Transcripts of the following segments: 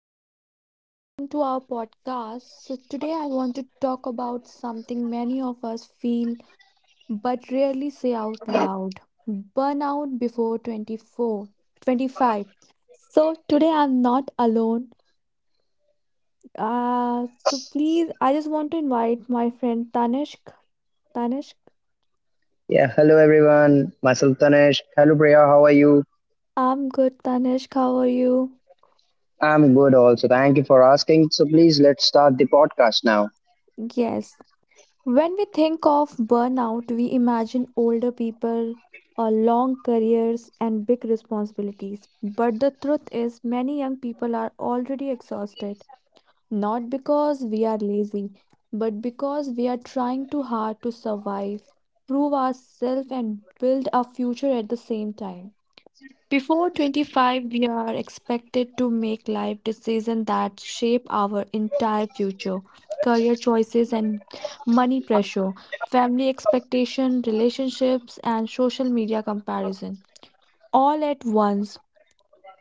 Hello, guys, welcome to our podcast. So, today I want to talk about something many of us feel but rarely say out loud: burnout before 24, 25. So, today I'm not alone. Please, I just want to invite my friend Tanishk. Tanishk, Yeah, hello everyone. Myself Tanesh. Hello Priya, how are you? I'm good, Tanishk. How are you? I'm good also. Thank you for asking. So please let's start the podcast now. Yes. When we think of burnout, we imagine older people, long careers, and big responsibilities. But the truth is, many young people are already exhausted, not because we are lazy, but because we are trying too hard to survive, prove ourselves, and build our future at the same time. Before 25, we are expected to make life decisions that shape our entire future: career choices and money pressure, family expectation, relationships, and social media comparison, all at once.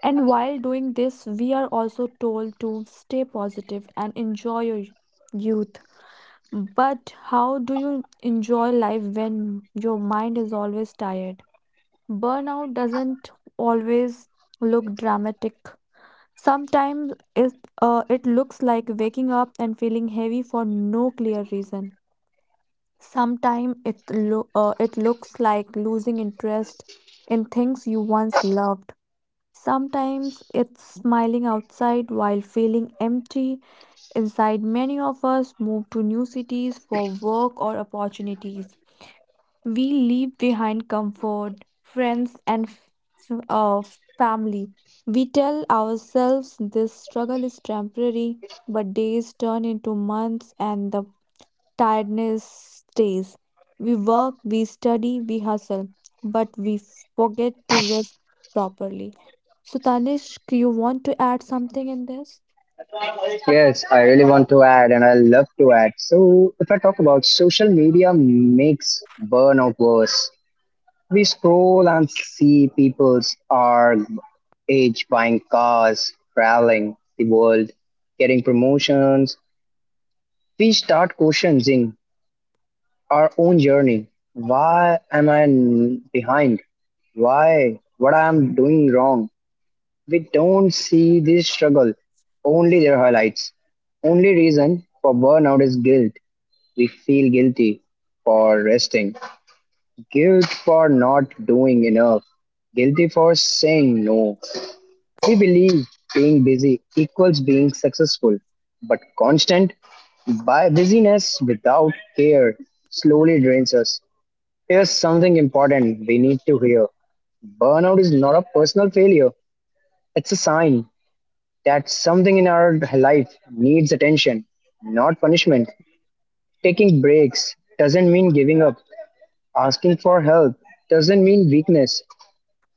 And while doing this, we are also told to stay positive and enjoy your youth. But how do you enjoy life when your mind is always tired? Burnout doesn't always look dramatic. Sometimes it looks like waking up and feeling heavy for no clear reason. Sometimes it, it looks like losing interest in things you once loved. Sometimes it's smiling outside while feeling empty inside. Many of us move to new cities for work or opportunities. We leave behind comfort, friends, and family. We tell ourselves this struggle is temporary, but days turn into months and the tiredness stays. We work, we study, we hustle, but we forget to rest properly. So, Tanishq, you want to add something in this? Yes, I really want to add and I love to add. So if I talk about social media makes burnout worse. We scroll and see people's our age buying cars, traveling the world, getting promotions. We start questioning our own journey. Why am I behind? Why? What I am doing wrong? We don't see this struggle, only their highlights. Only reason for burnout is guilt. We feel guilty for resting, guilt for not doing enough, guilty for saying no. We believe being busy equals being successful, but constant by busyness without care slowly drains us. Here's something important we need to hear. Burnout is not a personal failure. It's a sign that something in our life needs attention, not punishment. Taking breaks doesn't mean giving up. Asking for help doesn't mean weakness.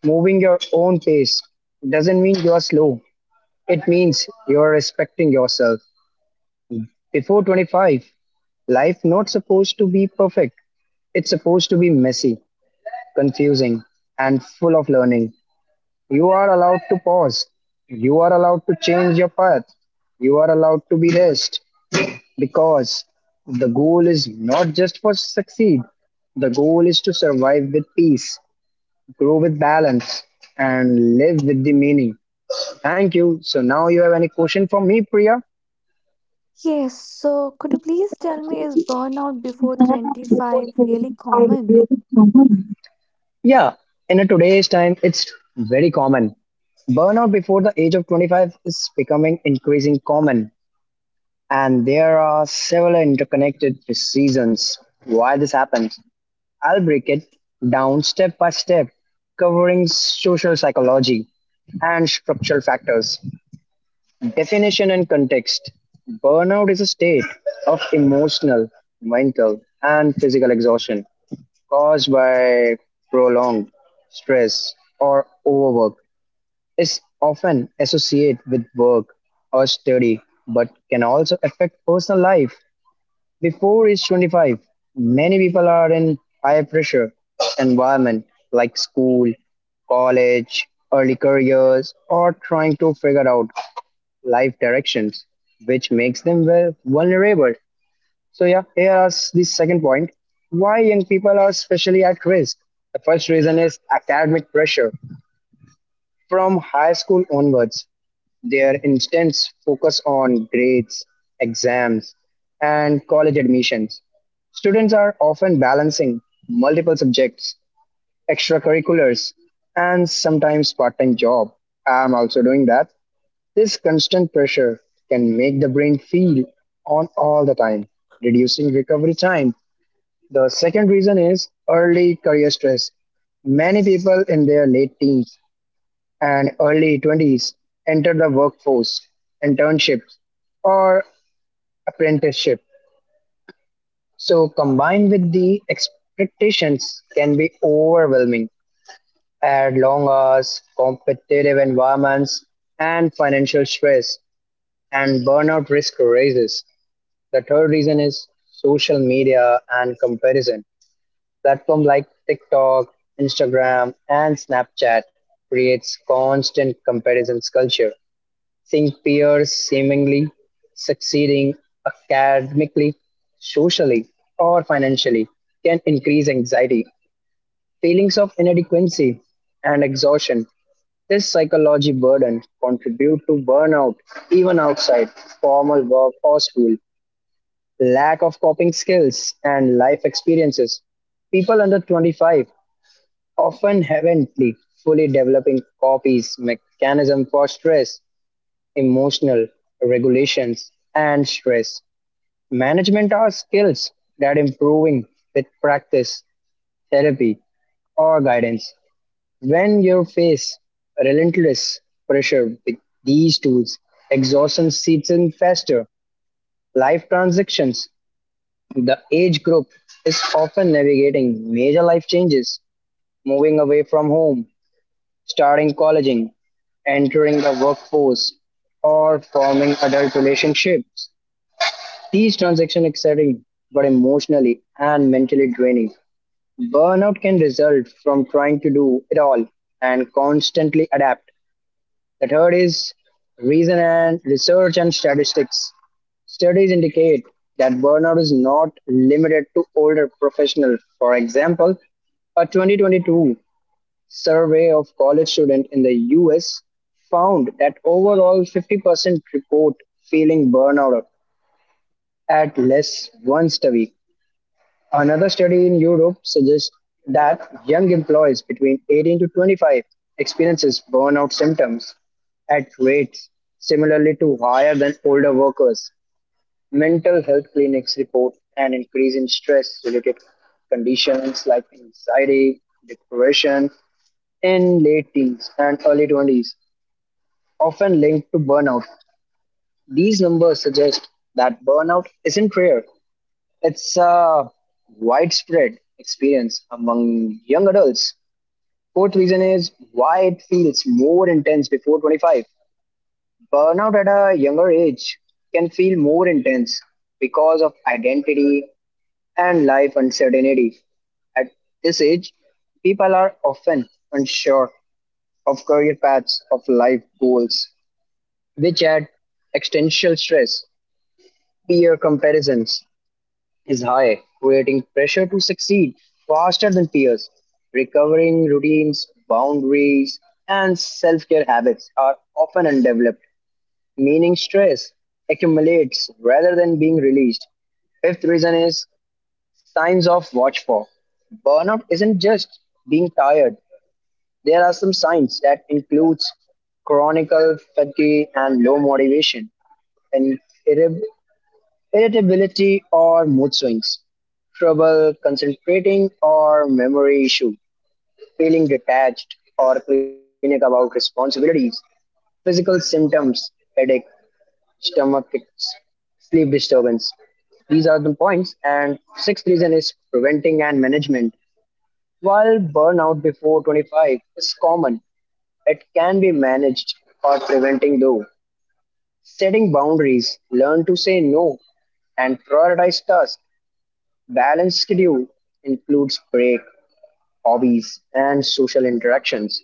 Moving your own pace doesn't mean you're slow. It means you're respecting yourself. Before 25, life not supposed to be perfect. It's supposed to be messy, confusing, and full of learning. You are allowed to pause. You are allowed to change your path. You are allowed to be rest, because the goal is not just for succeed. The goal is to survive with peace, grow with balance, and live with the meaning. Thank you. So now you have any question for me, Priya? Yes, so could you please tell me, is burnout before 25 really common? Yeah, in a today's time it's very common. Burnout before the age of 25 is becoming increasing common and there are several interconnected reasons why this happens. I'll break it down step by step, covering social psychology and structural factors, definition and context. Burnout is a state of emotional, mental, and physical exhaustion caused by prolonged stress or overwork. Is often associated with work or study, but can also affect personal life. Before age 25, many people are in high pressure environment like school, college, early careers, or trying to figure out life directions, which makes them well vulnerable. So yeah, here is the second point. Why young people are especially at risk? The first reason is academic pressure. From high school onwards, their intense focus on grades, exams, and college admissions. Students are often balancing multiple subjects, extracurriculars, and sometimes part time job. I'm also doing that. This constant pressure can make the brain feel on all the time, reducing recovery time. The second reason is early career stress. Many people in their late teens and early 20s enter the workforce, internships, or apprenticeship. So, combined with the expectations, can be overwhelming. Add long hours, competitive environments, and financial stress, and burnout risk rises. The third reason is social media and comparison. Platform like TikTok, Instagram, and Snapchat creates constant comparisons culture. Seeing peers seemingly succeeding academically, socially, or financially can increase anxiety, feelings of inadequacy, and exhaustion. This psychology burden contribute to burnout even outside formal work or school. Lack of coping skills and life experiences. People under 25 often haven't fully developing copies mechanism for stress. Emotional regulations, and stress management are skills that improving with practice, therapy, or guidance. When you face relentless pressure with these tools, exhaustion seeps in faster. Life transitions. The age group is often navigating major life changes, moving away from home, starting colleging, entering the workforce, or forming adult relationships. These transactions exciting, but emotionally and mentally draining. Burnout can result from trying to do it all and constantly adapt. The third is reason and research and statistics. Studies indicate that burnout is not limited to older professionals. For example, a 2022 survey of college students in the US found that overall 50% report feeling burnout at least once a week. Another study in Europe suggests that young employees between 18 to 25 experiences burnout symptoms at rates similarly to higher than older workers. Mental health clinics report an increase in stress related conditions like anxiety, depression in late teens and early 20s, often linked to burnout. These numbers suggest that burnout isn't rare, it's a widespread experience among young adults. Fourth reason is why it feels more intense before 25. Burnout at a younger age can feel more intense because of identity and life uncertainty. At this age, people are often unsure of career paths, of life goals, which add existential stress. Peer comparisons, is high, creating pressure to succeed faster than peers. Recovering routines, boundaries, and self care habits are often undeveloped, meaning stress accumulates rather than being released. Fifth reason is signs of watch for. Burnout isn't just being tired. There are some signs that includes chronic fatigue and low motivation, and irritability or mood swings, trouble concentrating or memory issue, feeling detached or panic about responsibilities, physical symptoms, headache, stomach aches, sleep disturbance. These are the points. And sixth reason is preventing and management. While burnout before 25 is common, it can be managed or preventing though. Setting boundaries, learn to say no and prioritize tasks. Balanced schedule includes break, hobbies, and social interactions,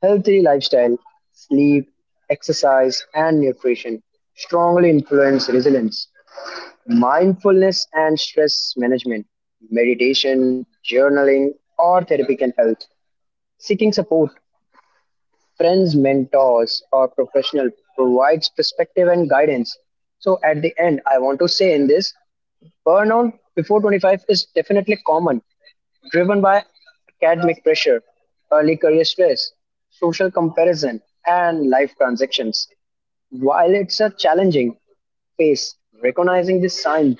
healthy lifestyle, sleep, exercise, and nutrition strongly influence resilience. Mindfulness and stress management, meditation, journaling, or therapy can help. Seeking support, friends, mentors, or professional provides perspective and guidance. So at the end, I want to say in this, burnout before 25 is definitely common driven by academic pressure, early career stress, social comparison, and life transactions. While it's a challenging phase, recognizing the signs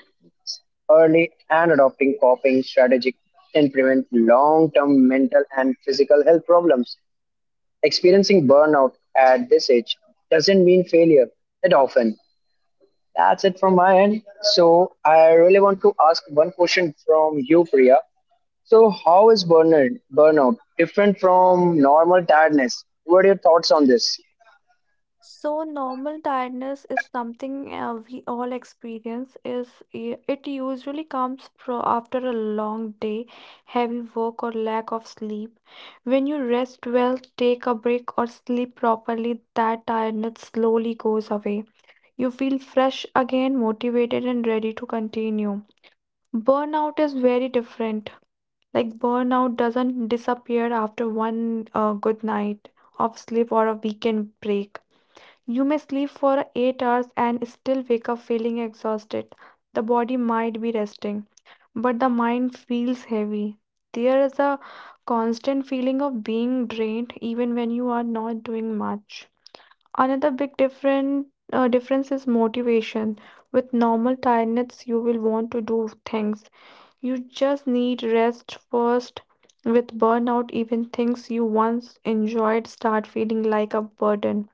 early and adopting coping strategies can prevent long-term mental and physical health problems. Experiencing burnout at this age doesn't mean failure. It often. That's it from my end. So I really want to ask one question from you, Priya. So, how is burnout different from normal tiredness? What are your thoughts on this? So normal tiredness is something we all experience. Is I- it usually comes fro after a long day, heavy work, or lack of sleep. When you rest well, take a break, or sleep properly, that tiredness slowly goes away. You feel fresh again, motivated, and ready to continue. Burnout is very different. Like, burnout doesn't disappear after one good night of sleep or a weekend break. You may sleep for 8 hours and still wake up feeling exhausted. The body might be resting, but the mind feels heavy. There is a constant feeling of being drained even when you are not doing much. Another big difference is motivation. With normal tiredness, you will want to do things. You just need rest first. With burnout, even things you once enjoyed start feeling like a burden.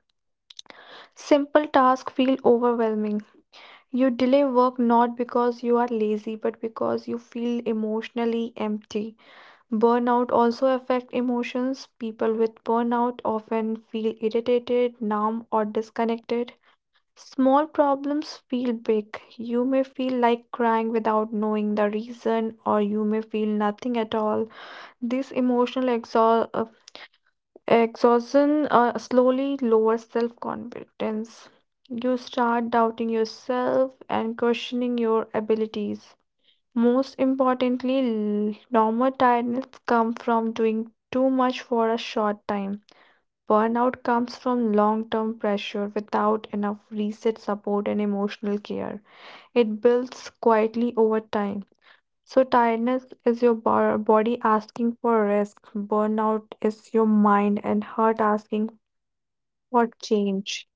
Simple tasks feel overwhelming. You delay work not because you are lazy, but because you feel emotionally empty. Burnout also affects emotions. People with burnout often feel irritated, numb, or disconnected. Small problems feel big. You may feel like crying without knowing the reason, or you may feel nothing at all. This emotional exhaustion slowly lowers self-confidence. You start doubting yourself and questioning your abilities. Most importantly, normal tiredness comes from doing too much for a short time. Burnout comes from long-term pressure without enough reset, support, and emotional care. It builds quietly over time. So, tiredness is your body asking for rest. Burnout is your mind and heart asking, what change?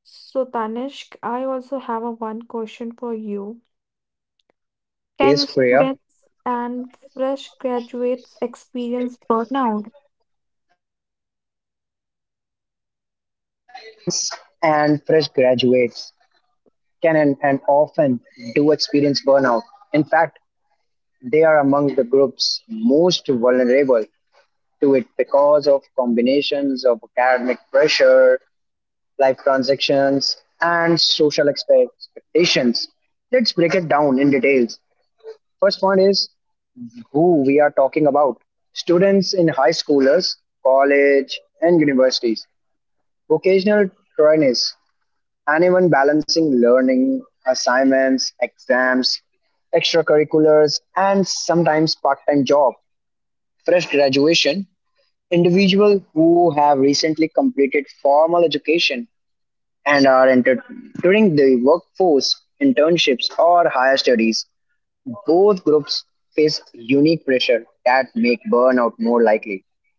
So, Tanishq, I also have a one question for you. Can Yes, Priya, students and fresh graduates experience burnout? absolutely. Students and fresh graduates can and often do experience burnout. In fact, they are among the groups most vulnerable to it because of combinations of academic pressure, life transactions, and social expectations. Let's break it down in details. First one is who we are talking about. Students in high schoolers, college, and universities, vocational trainees, anyone balancing learning, assignments, exams, extracurriculars, and sometimes part time job. Fresh graduation, individuals who have recently completed formal education and are entering the workforce, internships, or higher studies. Both groups face unique pressure that make burnout more likely.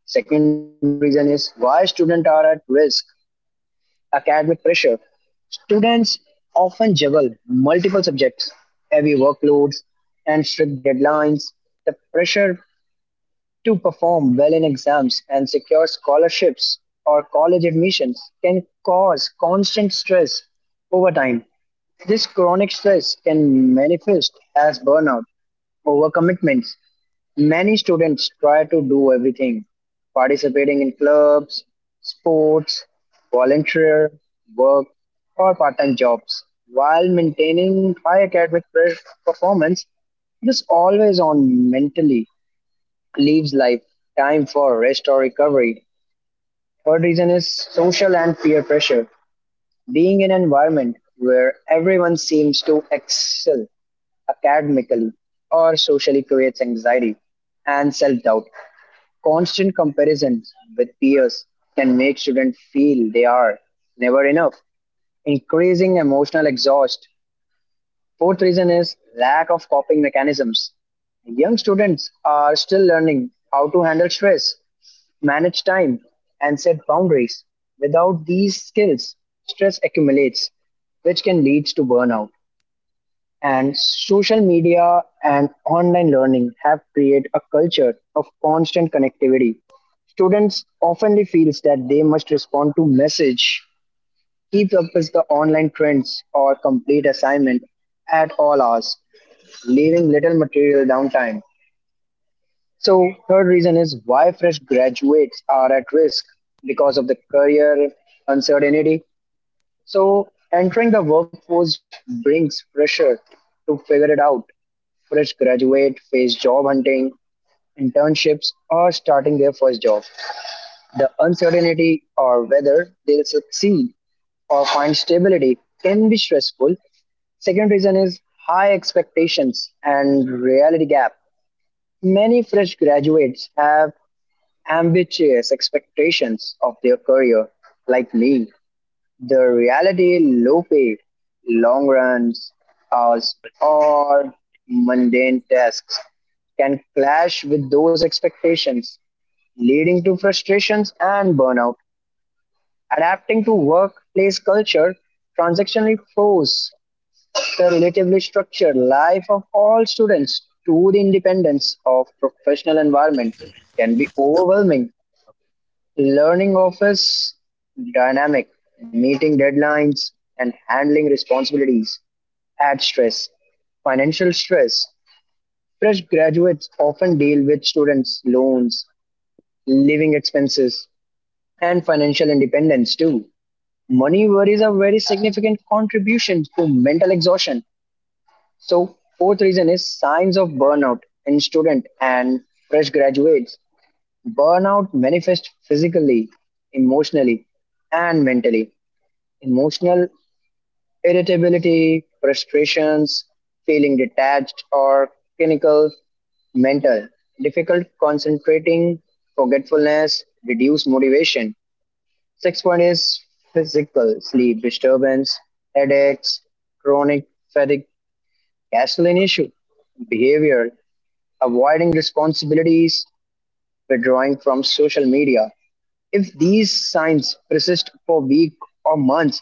Second reason is why students are at risk academic pressure. Students often juggle multiple subjects, heavy workloads, and strict deadlines. The pressure to perform well in exams and secure scholarships or college admissions can cause constant stress over time. This chronic stress can manifest as burnout, overcommitments. Many students try to do everything, participating in clubs, sports, volunteer work, or part time jobs, while maintaining high academic performance. This always on mentally leaves life time for rest or recovery. Third reason is social and peer pressure. Being in an environment where everyone seems to excel academically or socially creates anxiety and self doubt. Constant comparisons with peers can make students feel they are never enough, increasing emotional exhaust. Fourth reason is lack of coping mechanisms. Young students are still learning how to handle stress, manage time, and set boundaries. Without these skills, stress accumulates, which can lead to burnout. And social media and online learning have created a culture of constant connectivity. Students often feels that they must respond to message, keep up with the online trends, or complete assignment at all hours, leaving little material downtime. So, third reason is why fresh graduates are at risk because of the career uncertainty. So, entering the workforce brings pressure to figure it out. Fresh graduate face job hunting, internships, or starting their first job. The uncertainty or whether they'll succeed or find stability can be stressful. Second reason is high expectations and reality gap. Many fresh graduates have ambitious expectations of their career, like me. The reality low pay, long runs, hours, or mundane tasks can clash with those expectations, leading to frustrations and burnout. Adapting to workplace culture, transactionally force the relatively structured life of all students to the independence of professional environment can be overwhelming. Learning office dynamic, meeting deadlines, and handling responsibilities add stress. Financial stress. Fresh graduates often deal with students' loans, living expenses, and financial independence too. Money worries are very significant contribution to mental exhaustion. So, fourth reason is signs of burnout in student and fresh graduates. Burnout manifests physically, emotionally, and mentally. Emotional irritability, frustrations, feeling detached or clinical, mental, difficult concentrating, forgetfulness, reduced motivation. Sixth one is physical sleep disturbance, headaches, chronic fatigue, gasoline issue, behavior, avoiding responsibilities, withdrawing from social media. If these signs persist for weeks or months,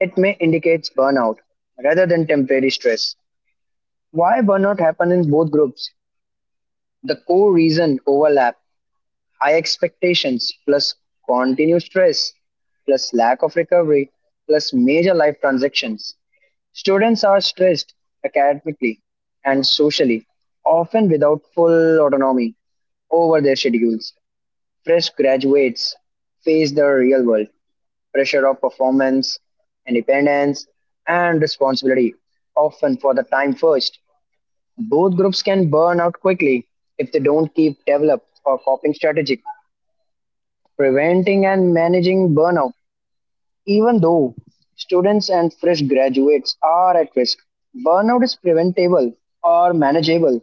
it may indicate burnout rather than temporary stress. Why burnout happen in both groups? The core reason overlap. High expectations plus continued stress plus lack of recovery plus major life transactions. Students are stressed academically and socially, often without full autonomy over their schedules. Fresh graduates face the real world pressure of performance, independence, and responsibility, often for the time first. Both groups can burn out quickly if they don't keep develop or coping strategy preventing and managing burnout. Even though students and fresh graduates are at risk, burnout is preventable or manageable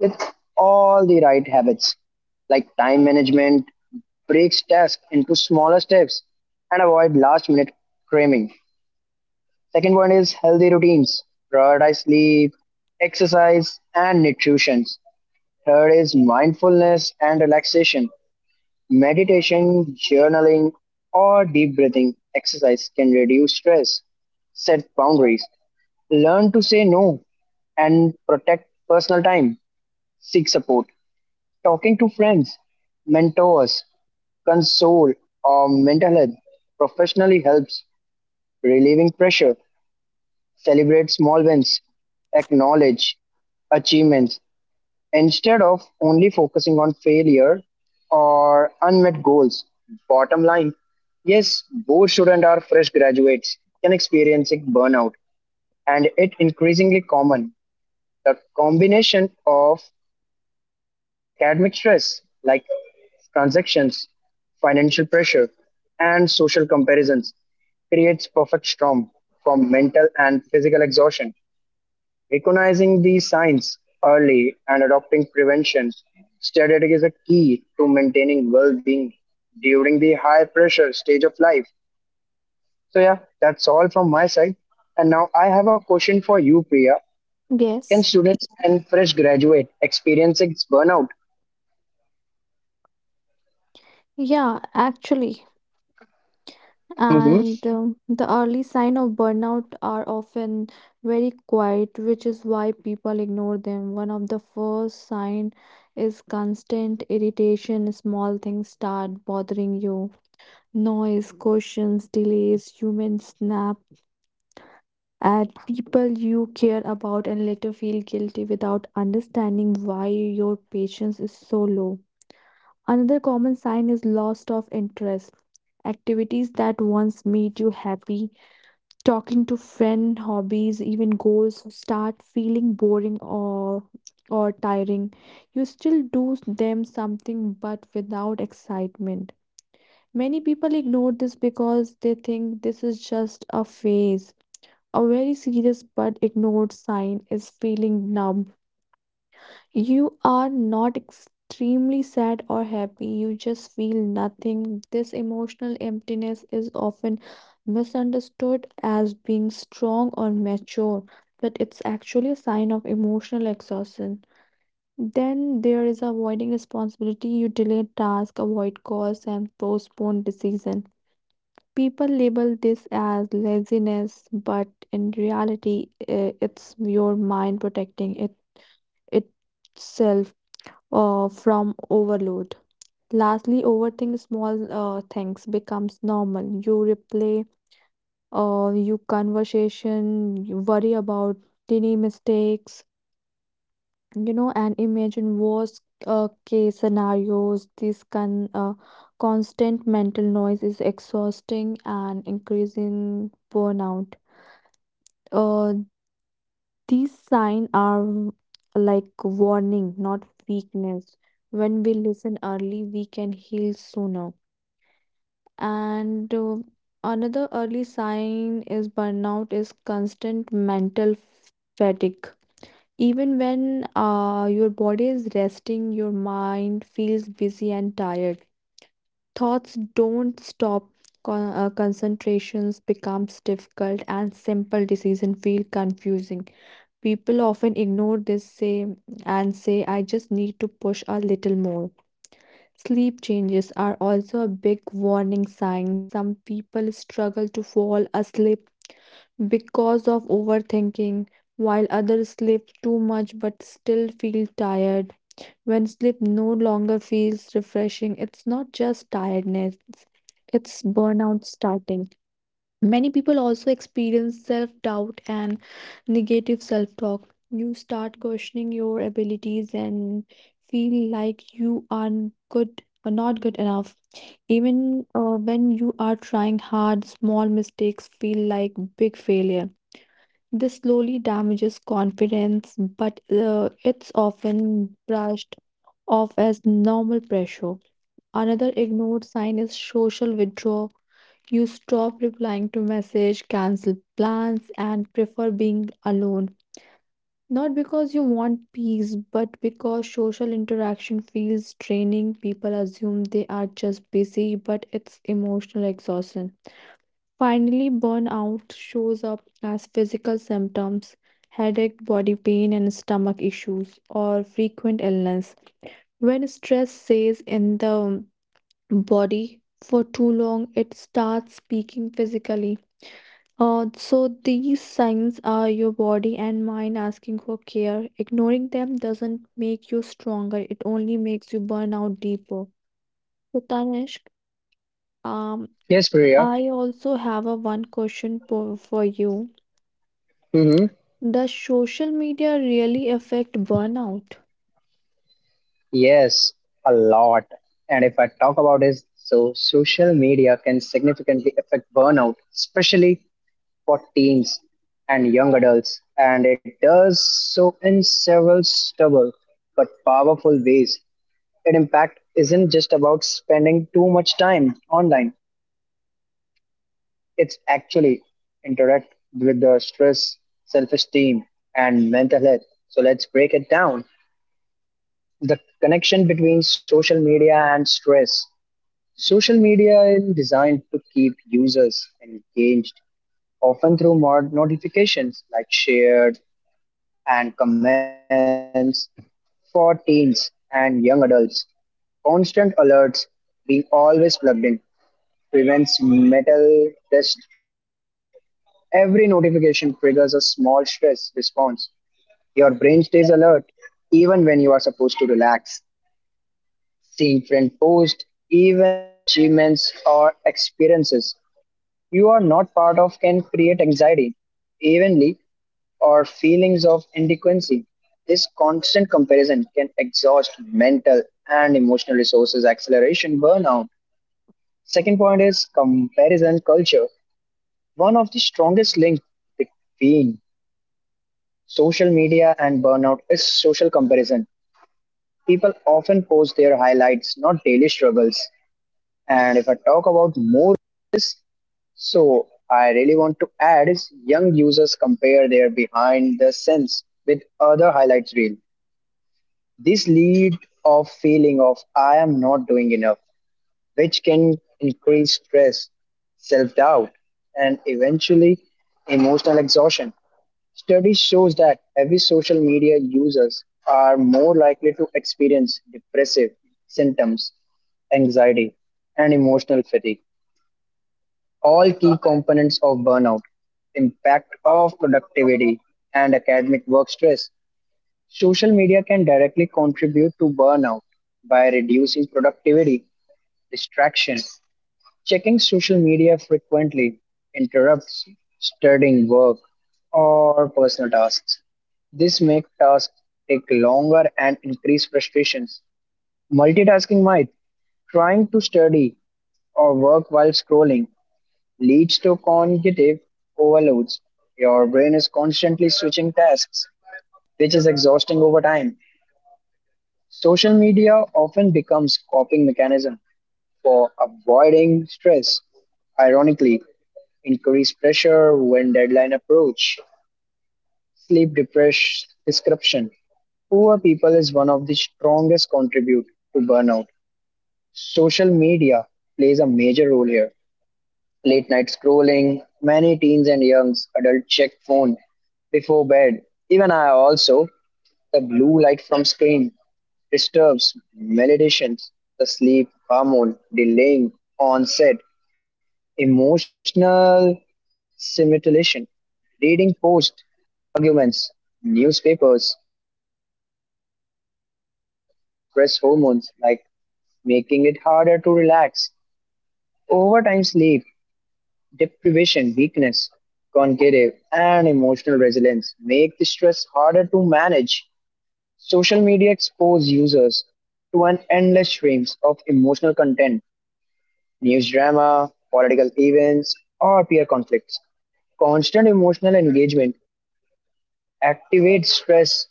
with all the right habits like time management, breaks tasks into smaller steps, and avoid last minute cramming. Second point is healthy routines. Prioritize sleep, exercise, and nutrition. Third is mindfulness and relaxation. Meditation, journaling, or deep breathing exercise can reduce stress, set boundaries, learn to say no, and protect personal time. Seek support. Talking to friends, mentors, console, or mental health professionally helps relieving pressure. Celebrate small wins, acknowledge achievements, instead of only focusing on failure or unmet goals. Bottom line, yes, both students are fresh graduates can experiencing burnout and it increasingly common. The combination of the academic stress like transactions, financial pressure, and social comparisons creates perfect storm from mental and physical exhaustion. Recognizing these signs early and adopting prevention strategy is a key to maintaining well-being during the high-pressure stage of life. So yeah, that's all from my side. And now I have a question for you, Priya. Can Yes. students and fresh graduate experiencing burnout? Yeah, actually. Hmm. And the early sign of burnout are often very quiet, which is why people ignore them. One of the first sign is constant irritation. Small things start bothering you. Noise, questions, delays, human snap at people you care about, and later feel guilty without understanding why your patience is so low. Another common sign is loss of interest. Activities that once made you happy, talking to friend, hobbies, even goals, start feeling boring or tiring. You still do them something but without excitement. Many people ignore this because they think this is just a phase. A very serious but ignored sign is feeling numb. You are not extremely sad or happy, you just feel nothing. This emotional emptiness is often misunderstood as being strong or mature, but it's actually a sign of emotional exhaustion. Then there is avoiding responsibility. You delay tasks, avoid calls, and postpone decision. People label this as laziness, but in reality, it's your mind protecting it itself from overload. Lastly, overthink small things becomes normal. You replay, you conversation, you worry about tiny mistakes, you know, and imagine worst case scenarios. This can constant mental noise is exhausting and increasing burnout. uh, these signs are like warning, not weakness. When we listen early, we can heal sooner. And another early sign is burnout is constant mental fatigue. Even when your body is resting, your mind feels busy and tired. Thoughts don't stop. Concentrations becomes difficult and simple decision feel confusing. People often ignore this say and say, I just need to push a little more. Sleep changes are also a big warning sign. Some people struggle to fall asleep because of overthinking, while others sleep too much but still feel tired. When sleep no longer feels refreshing, it's not just tiredness, it's burnout starting. Many people also experience self doubt and negative self talk. You start questioning your abilities and feel like you are good or not good enough. Even when you are trying hard, small mistakes feel like big failure. This slowly damages confidence, but it's often brushed off as normal pressure. Another ignored sign is social withdrawal. You stop replying to message, cancel plans, and prefer being alone. Not because you want peace, but because social interaction feels draining. People assume they are just busy, but it's emotional exhaustion. Finally, burnout shows up as physical symptoms: headache, body pain, and stomach issues, or frequent illness. When stress says in the body for too long, it starts speaking physically. So these signs are your body and mind asking for care. Ignoring them doesn't make you stronger, it only makes you burn out deeper. So, Tanishq, um, Yes, Priya. I also have a one question for you. Hmm. Does social media really affect burnout? Yes, a lot. And if I talk about it, so social media can significantly affect burnout, especially for teens and young adults, and it does so in several stubble but powerful ways. Its impact isn't just about spending too much time online, it's actually interact with the stress, self esteem, and mental health. So let's break it down. The connection between social media and stress. Social media is designed to keep users engaged often through mod notifications like shared and comments for teens and young adults. Constant alerts being always plugged in prevents mental rest. Every notification triggers a small stress response. Your brain stays alert even when you are supposed to relax. Seeing friend posts, events, achievements, or experiences you are not part of can create anxiety. Evenly, or feelings of inadequacy. This constant comparison can exhaust mental and emotional resources, acceleration burnout. Second point is comparison culture. One of the strongest links between social media and burnout is social comparison. People often post their highlights, not daily struggles. And if I talk about more, so I really want to add is young users compare their behind the scenes with other highlights reel. This lead of feeling of I am not doing enough, which can increase stress, self-doubt, and eventually emotional exhaustion. Studies shows that heavy social media users are more likely to experience depressive symptoms, anxiety, and emotional fatigue, all key components of burnout, impact of productivity and academic work stress. Social media can directly contribute to burnout by reducing productivity, distraction. Checking social media frequently interrupts studying work or personal tasks. This makes tasks take longer and increase frustrations. Multitasking might trying to study or work while scrolling leads to cognitive overloads. Your brain is constantly switching tasks, which is exhausting over time. Social media often becomes coping mechanism for avoiding stress. Ironically, increased pressure when deadline approach, sleep depression, description. Poor people is one of the strongest contribute to burnout. Social media plays a major role here. Late night scrolling, many teens and youngs adult check phone before bed. Even I also the blue light from screen disturbs validation, the sleep hormone, delaying onset, emotional stimulation, reading posts, arguments, newspapers, or news before bed, increase stress hormones like making it harder to relax, overtime sleep, deprivation, weakness, cognitive and emotional resilience make the stress harder to manage. Social media expose users to an endless streams of emotional content, news drama, political events, or peer conflicts. Constant emotional engagement activates stress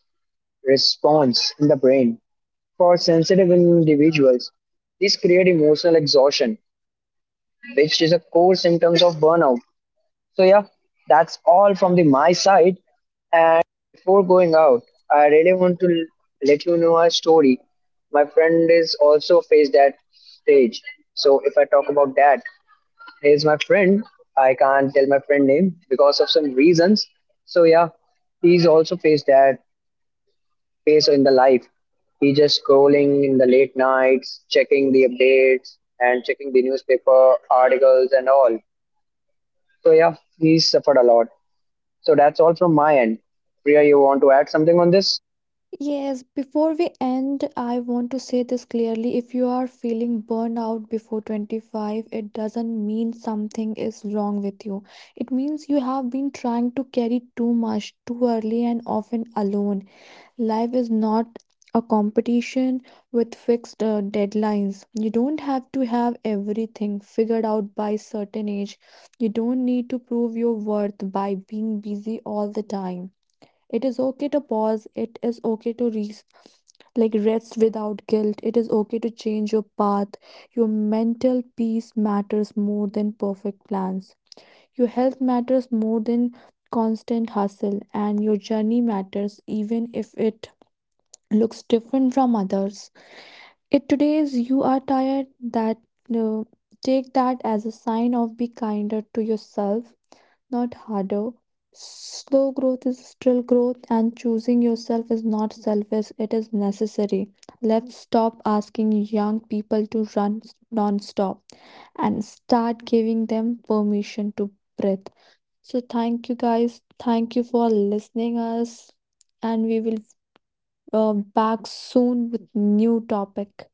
response in the brain. For sensitive individuals, this creates emotional exhaustion, which is a core symptom of burnout. So yeah, that's all from the my side. And before going out, I really want to let you know a story. My friend is also faced that stage. So if I talk about that, here's my friend. I can't tell my friend name because of some reasons. So yeah, he's also faced that phase in the life. He just scrolling in the late nights, checking the updates and checking the newspaper articles and all. So yeah, he suffered a lot. So that's all from my end. Priya, you want to add something on this? Yes, before we end, I want to say this clearly. If you are feeling burnout before 25, it doesn't mean something is wrong with you. It means you have been trying to carry too much, too early, and often alone. Life is not a competition with fixed deadlines. You don't have to have everything figured out by certain age. You don't need to prove your worth by being busy all the time. It is okay to pause. It is okay to like rest without guilt. It is okay to change your path. Your mental peace matters more than perfect plans. Your health matters more than constant hustle, and your journey matters even if it looks different from others. If today's you are tired, that uh, take that as a sign of be kinder to yourself, not harder. Slow growth is still growth, and choosing yourself is not selfish, it is necessary. Let's stop asking young people to run non stop and start giving them permission to breathe. So, thank you guys. Thank you for listening us, and we will uh, back soon with new topic.